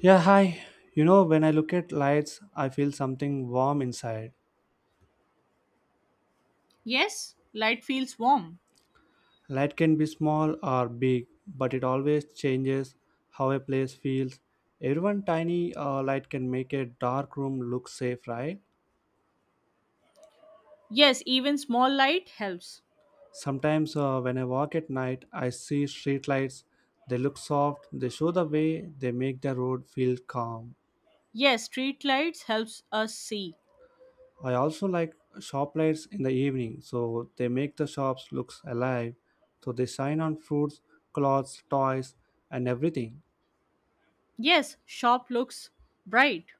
Yeah, hi. You know, when I look at lights, I feel something warm inside. Yes, light feels warm. Light can be small or big, but it always changes how a place feels. Everyone tiny light can make a dark room look safe, right? Yes, even small light helps. Sometimes when I walk at night, I see street lights. They look soft, they show the way, they make the road feel calm. Yes, street lights helps us see. I also like shop lights in the evening, so they make the shops looks alive. So they shine on fruits, clothes, toys, and everything. Yes, shop looks bright.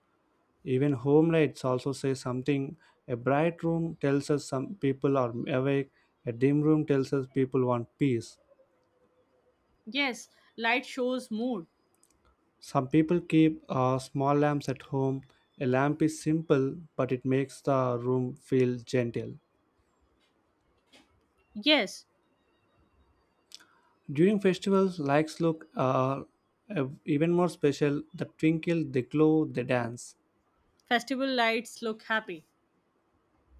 Even home lights also say something. A bright room tells us some people are awake. A dim room tells us people want peace. Yes, light shows mood. Some people keep small lamps at home. A lamp is simple, but it makes the room feel gentle. Yes, During festivals, lights look even more special. The twinkle, they glow, they dance. festival lights look happy.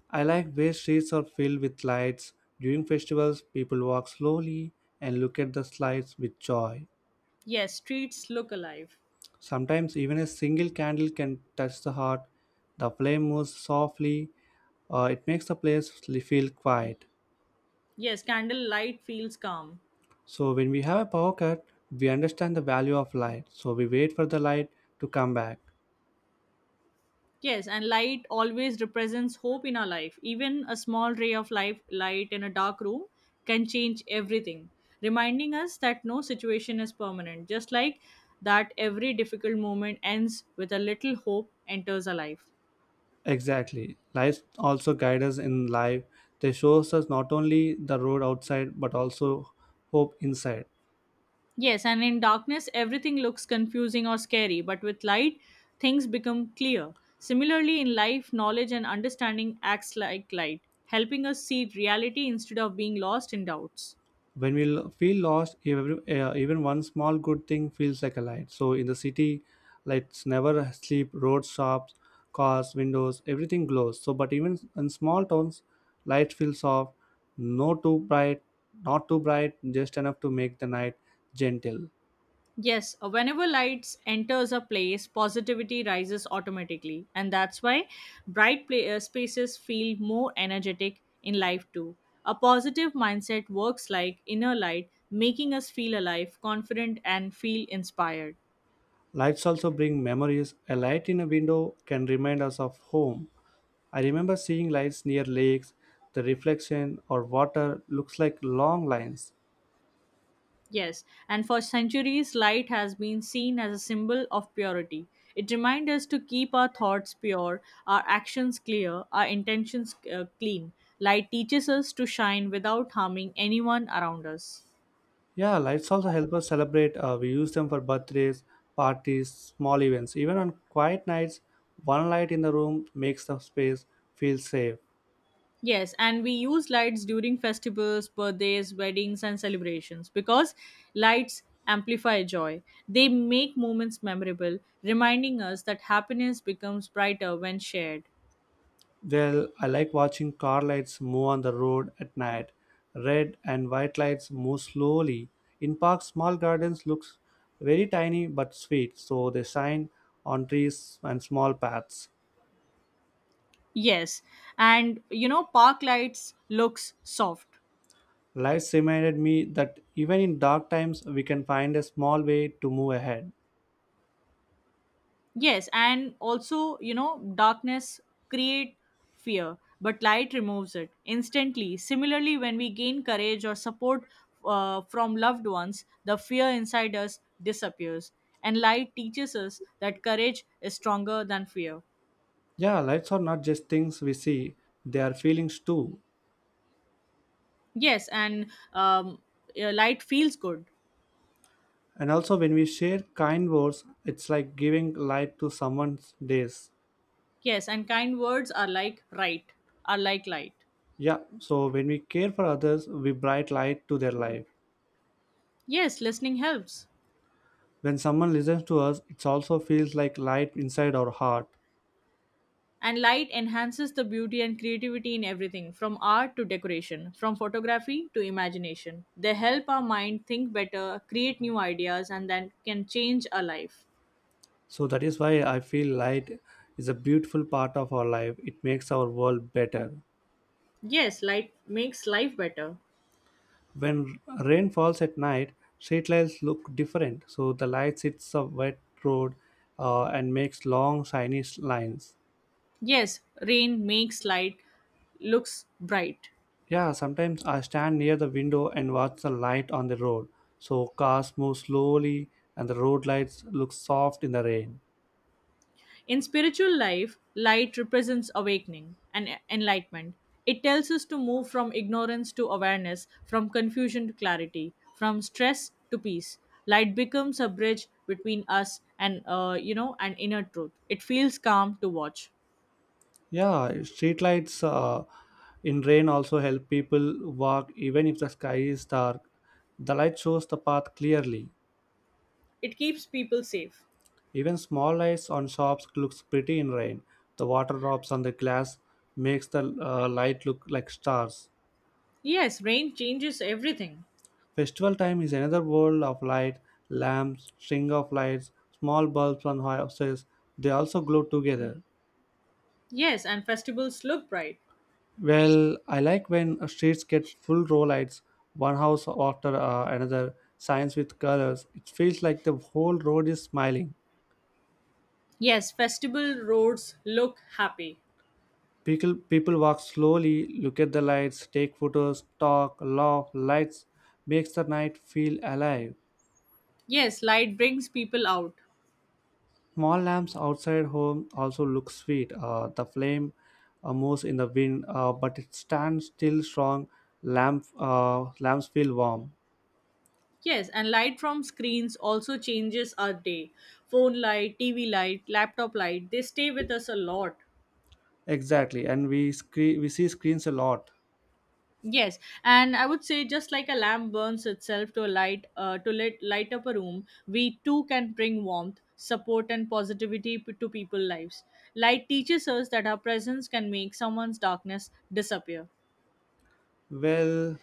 I like where streets are filled with lights. During festivals, people walk slowly and look at the lights with joy. Yes, streets look alive. Sometimes even a single candle can touch the heart. The flame moves softly. It makes the place feel quiet. Yes, candle light feels calm. So when we have a power cut, we understand the value of light. So we wait for the light to come back. Yes, and light always represents hope in our life. Even a small ray of life, light in a dark room can change everything, reminding us that no situation is permanent. Just like that, every difficult moment ends with a little hope enters our life. Exactly. Lights also guide us in life. They shows us not only the road outside but also hope inside. Yes, and in darkness, everything looks confusing or scary, but with light, things become clear. Similarly, in life, knowledge and understanding acts like light, helping us see reality instead of being lost in doubts. When feel lost, every, even one small good thing feels like a light. So in the city, lights never sleep. Roads, shops, cars, windows, everything glows. So, but even in small towns, light feels soft, no too bright, not too bright, just enough to make the night gentle. Yes, whenever lights enters a place, positivity rises automatically, and that's why bright pla spaces feel more energetic in life too. A positive mindset works like inner light, making us feel alive, confident, and feel inspired. Lights also bring memories. A light in a window can remind us of home. I remember seeing lights near lakes, the reflection or water looks like long lines. Yes, and for centuries, light has been seen as a symbol of purity. It reminds us to keep our thoughts pure, our actions clear, our intentions clean. Light teaches us to shine without harming anyone around us. Yeah, lights also help us celebrate. We use them for birthdays, parties, small events. Even on quiet nights, one light in the room makes the space feel safe. Yes, and we use lights during festivals, birthdays, weddings, and celebrations because lights amplify joy. They make moments memorable, reminding us that happiness becomes brighter when shared. Well, I like watching car lights move on the road at night. Red and white lights move slowly. In parks, small gardens looks very tiny but sweet, so they shine on trees and small paths. Yes, and you know, park lights looks soft. Lights reminded me that even in dark times, we can find a small way to move ahead. Yes, and also you know, darkness create fear, but light removes it instantly. Similarly, when we gain courage or support from loved ones, the fear inside us disappears, and light teaches us that courage is stronger than fear. Yeah, lights are not just things we see, they are feelings too. Yes, and um, light feels good. And also, when we share kind words, it's like giving light to someone's days. Yes, and kind words are like right, are like light. Yeah, so when we care for others, we bright light to their life. Yes, listening helps. When someone listens to us, it also feels like light inside our heart. And light enhances the beauty and creativity in everything from art to decoration, from photography to imagination. They help our mind think better, create new ideas, and then can change our life. So that is why I feel light is a beautiful part of our life. It makes our world better. Yes, light makes life better. When rain falls at night, street lights look different, so the light hits a wet road and makes long shiny lines. Yes, rain makes light looks bright. Yeah, sometimes I stand near the window and watch the light on the road, so cars move slowly and the road lights look soft in the rain. In spiritual life, light represents awakening and enlightenment. It tells us to move from ignorance to awareness, from confusion to clarity, from stress to peace. Light becomes a bridge between us and you know and inner truth. It feels calm to watch. Yeah, street lights, in rain also help people walk even if the sky is dark. The light shows the path clearly. It keeps people safe. Even small lights on shops looks pretty in rain. The water drops on the glass makes the light look like stars. Yes, rain changes everything. Festival time is another world of light, lamps, string of lights, small bulbs on houses. They also glow together. Yes, and festivals look bright. Well, I like when streets get full row lights, one house after another, signs with colors. It feels like the whole road is smiling. Yes, festival roads look happy. People walk slowly, look at the lights, take photos, talk, laugh. Lights makes the night feel alive. Yes, light brings people out. Small lamps outside home also look sweet. The flame moves in the wind, but it stands still strong. Lamps feel warm. Yes, and light from screens also changes our day. Phone light, TV light, laptop light, they stay with us a lot. Exactly, and we screen, we see screens a lot. Yes, and I would say just like a lamp burns itself to a light to let light up a room, we too can bring warmth, support and to people's lives. Light teaches us that our presence can make someone's darkness disappear. Well,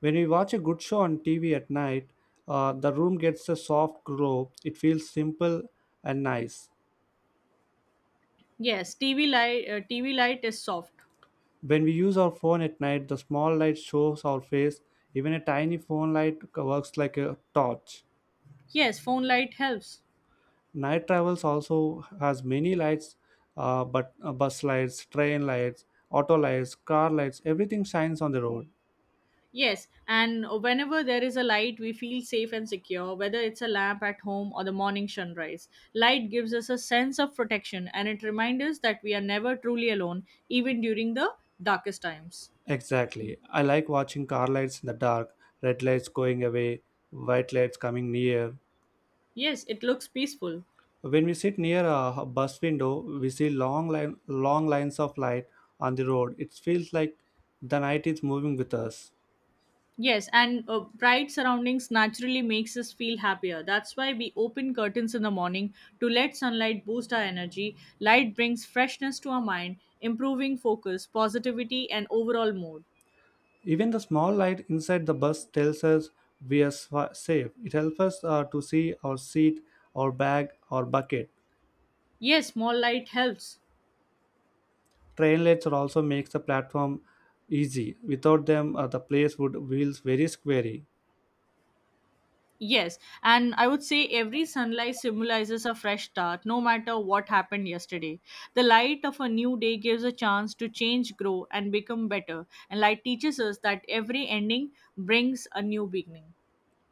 when we watch a good show on TV at night, the room gets a soft glow. It feels simple and nice. Yes, TV light is soft. When we use our phone at night, the small light shows our face. Even a tiny phone light works like a torch. Yes, phone light helps. Night travels also has many lights, but bus lights, train lights, auto lights, car lights, everything shines on the road. Yes, and whenever there is a light, we feel safe and secure, whether it's a lamp at home or the morning sunrise. Light gives us a sense of protection and it reminds us that we are never truly alone, even during the darkest times. Exactly. I like watching car lights in the dark, red lights going away, white lights coming near. Yes, it looks peaceful. When we sit near a bus window, we see long lines of light on the road. It feels like the night is moving with us. Yes, and bright surroundings naturally makes us feel happier. That's why we open curtains in the morning to let sunlight boost our energy. Light brings freshness to our mind, improving focus, positivity, and overall mood. Even the small light inside the bus tells us we are safe. It helps us to see our seat, our bag, our bucket. Yes, small light helps. Train lights are also makes the platform easy. Without them, the place would feel very scary. Yes, and I would say every sunlight symbolizes a fresh start, no matter what happened yesterday. The light of a new day gives a chance to change, grow, and become better. And light teaches us that every ending brings a new beginning.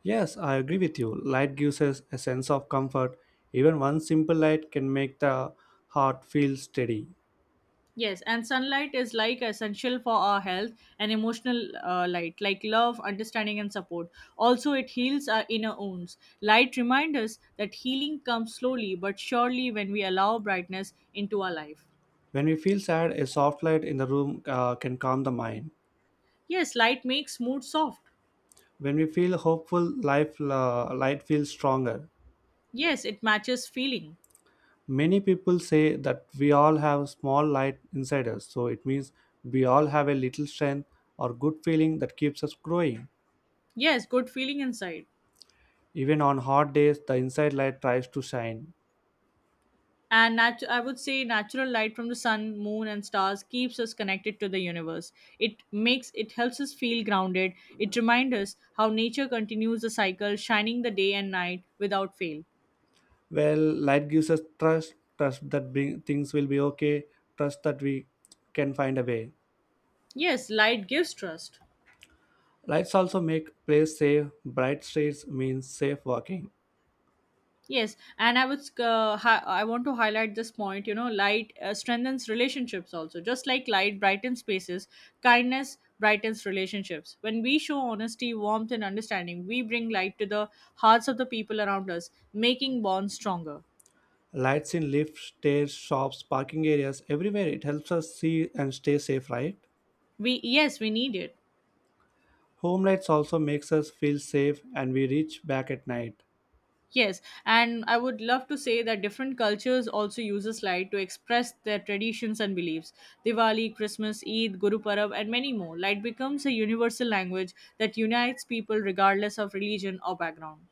Yes, I agree with you. Light gives us a sense of comfort. Even one simple light can make the heart feel steady. Yes, and sunlight is like essential for our health and emotional light, like love, understanding, and support. Also, it heals our inner wounds. Light reminds us that healing comes slowly but surely when we allow brightness into our life. When we feel sad, a soft light in the room can calm the mind. Yes, light makes mood soft. When we feel hopeful, life light feels stronger. Yes, it matches feeling. Many people say that we all have a small light inside us, so it means we all have a little strength or good feeling that keeps us growing. Yes, good feeling inside. Even on hot days the inside light tries to shine. I would say natural light from the sun, moon, and stars keeps us connected to the universe. It helps us feel grounded. It reminds us how nature continues the cycle, shining the day and night without fail. Well, light gives us trust, things will be okay, trust that we can find a way. Yes, light gives trust. Lights also make place safe, bright streets means safe walking. Yes, and I want to highlight this point. You know, light strengthens relationships also. Just like light brightens spaces, kindness brightens relationships. When we show honesty, warmth, and understanding, we bring light to the hearts of the people around us, making bonds stronger. Lights in lifts, stairs, shops, parking areas, everywhere it helps us see and stay safe, right? We yes, we need it. Home lights also makes us feel safe and we reach back at night. Yes, and I would love to say that different cultures also use a slide to express their traditions and beliefs. Diwali, Christmas, Eid, Guru Parab, and many more. Light becomes a universal language that unites people regardless of religion or background.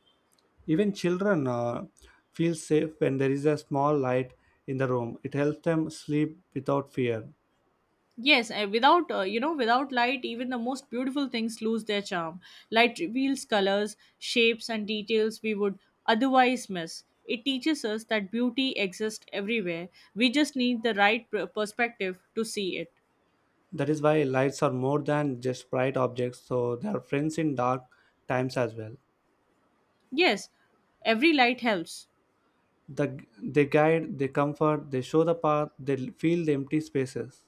Even children feel safe when there is a small light in the room. It helps them sleep without fear. Yes, and without you know, without light, even the most beautiful things lose their charm. Light reveals colors, shapes, and details we would otherwise miss. It teaches us that beauty exists everywhere. We just need the perspective to see it. That is why lights are more than just bright objects, so they are friends in dark times as well. Yes, every light helps. They guide, they comfort, they show the path, they fill the empty spaces.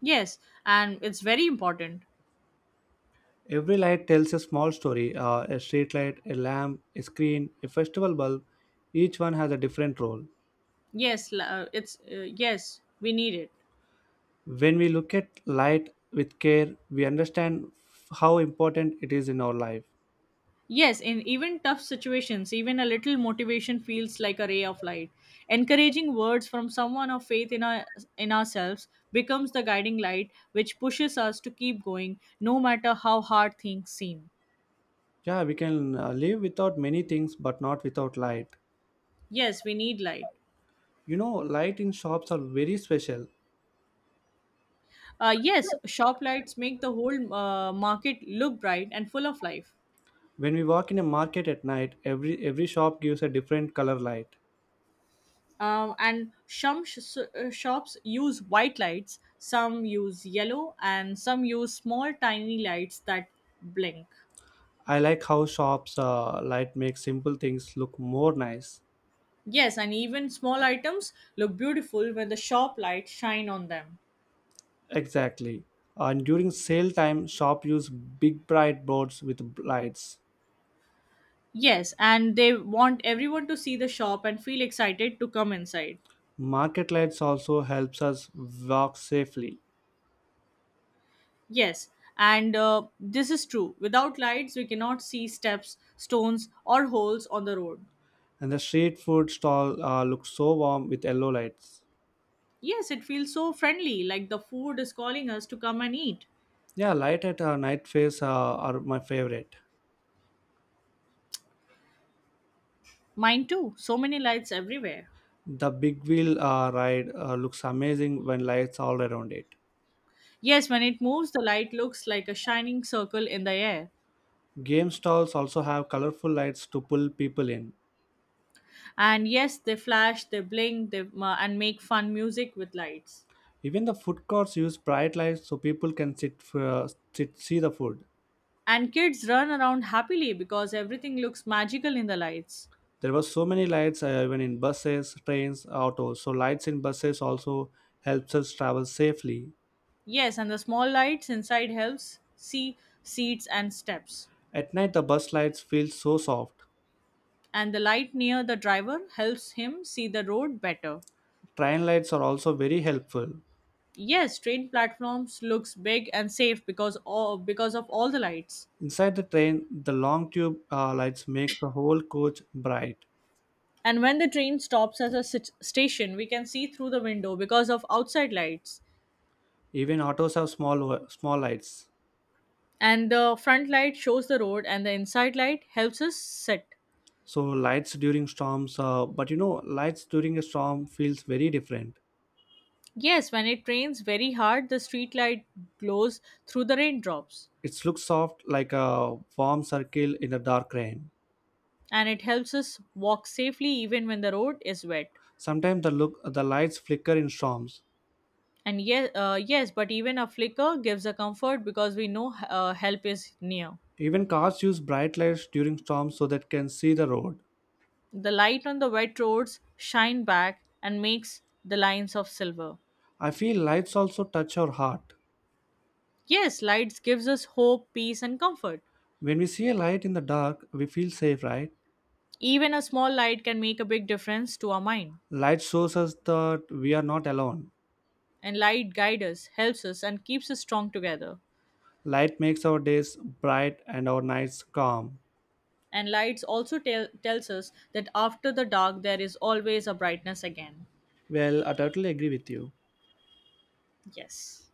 Yes, and it's very important. Every light tells a small story, a street light, a lamp, a screen, a festival bulb. Each one has a different role. Yes, we need it. When we look at light with care, we understand how important it is in our life. Yes, in even tough situations, even a little motivation feels like a ray of light. Encouraging words from someone of faith in ourselves becomes the guiding light which pushes us to keep going no matter how hard things seem. Yeah, we can live without many things, but not without light. Yes, we need light. You know, light in shops are very special. Yes, shop lights make the whole market look bright and full of life. When we walk in a market at night, every shop gives a different color light. And some sh- s- Shops use white lights, some use yellow, and some use small tiny lights that blink. I like how shops light makes simple things look more nice. Yes, and even small items look beautiful when the shop lights shine on them. Exactly. And during sale time, shop use big bright boards with lights. Yes, and they want everyone to see the shop and feel excited to come inside. Market lights also helps us walk safely. Yes, and this is true. Without lights, we cannot see steps, stones, or holes on the road. And the street food stall looked so warm with yellow lights. Yes, it feels so friendly, like the food is calling us to come and eat. Yeah, light at night phase are my favorite. Mine too. So many lights everywhere. The big wheel ride looks amazing when lights all around it. Yes, when it moves, the light looks like a shining circle in the air. Game stalls also have colorful lights to pull people in. And yes, they flash, they blink, they and make fun music with lights. Even the food courts use bright lights so people can sit see the food. And kids run around happily because everything looks magical in the lights. There were so many lights even in buses, trains, autos. So lights in buses also helps us travel safely. Yes, and the small lights inside helps see seats and steps. At night the bus lights feel so soft. And the light near the driver helps him see the road better. Train lights are also very helpful. Yes, train platforms looks big and safe because of all the lights. Inside the train, the long tube lights makes the whole coach bright. And when the train stops at a station, we can see through the window because of outside lights. Even autos have small small lights. And the front light shows the road, and the inside light helps us sit. So lights during storms, but you know, lights during a storm feels very different. Yes, when it rains very hard, the street light glows through the raindrops, It looks soft like a warm circle in a dark rain. and it helps us walk safely even when the road is wet. Sometimes the lights flicker in storms. Yes, but even a flicker gives a comfort because we know help is near. Even cars use bright lights during storms so that can see the road. The light on the wet roads shine back and makes the lines of silver. I feel lights also touch our heart. Yes, lights gives us hope, peace and comfort. When we see a light in the dark, we feel safe, right? Even a small light can make a big difference to our mind. Light shows us that we are not alone. And light guides us, helps us and keeps us strong together. Light makes our days bright and our nights calm. And lights also tells us that after the dark there is always a brightness again. Well, I totally agree with you. Yes.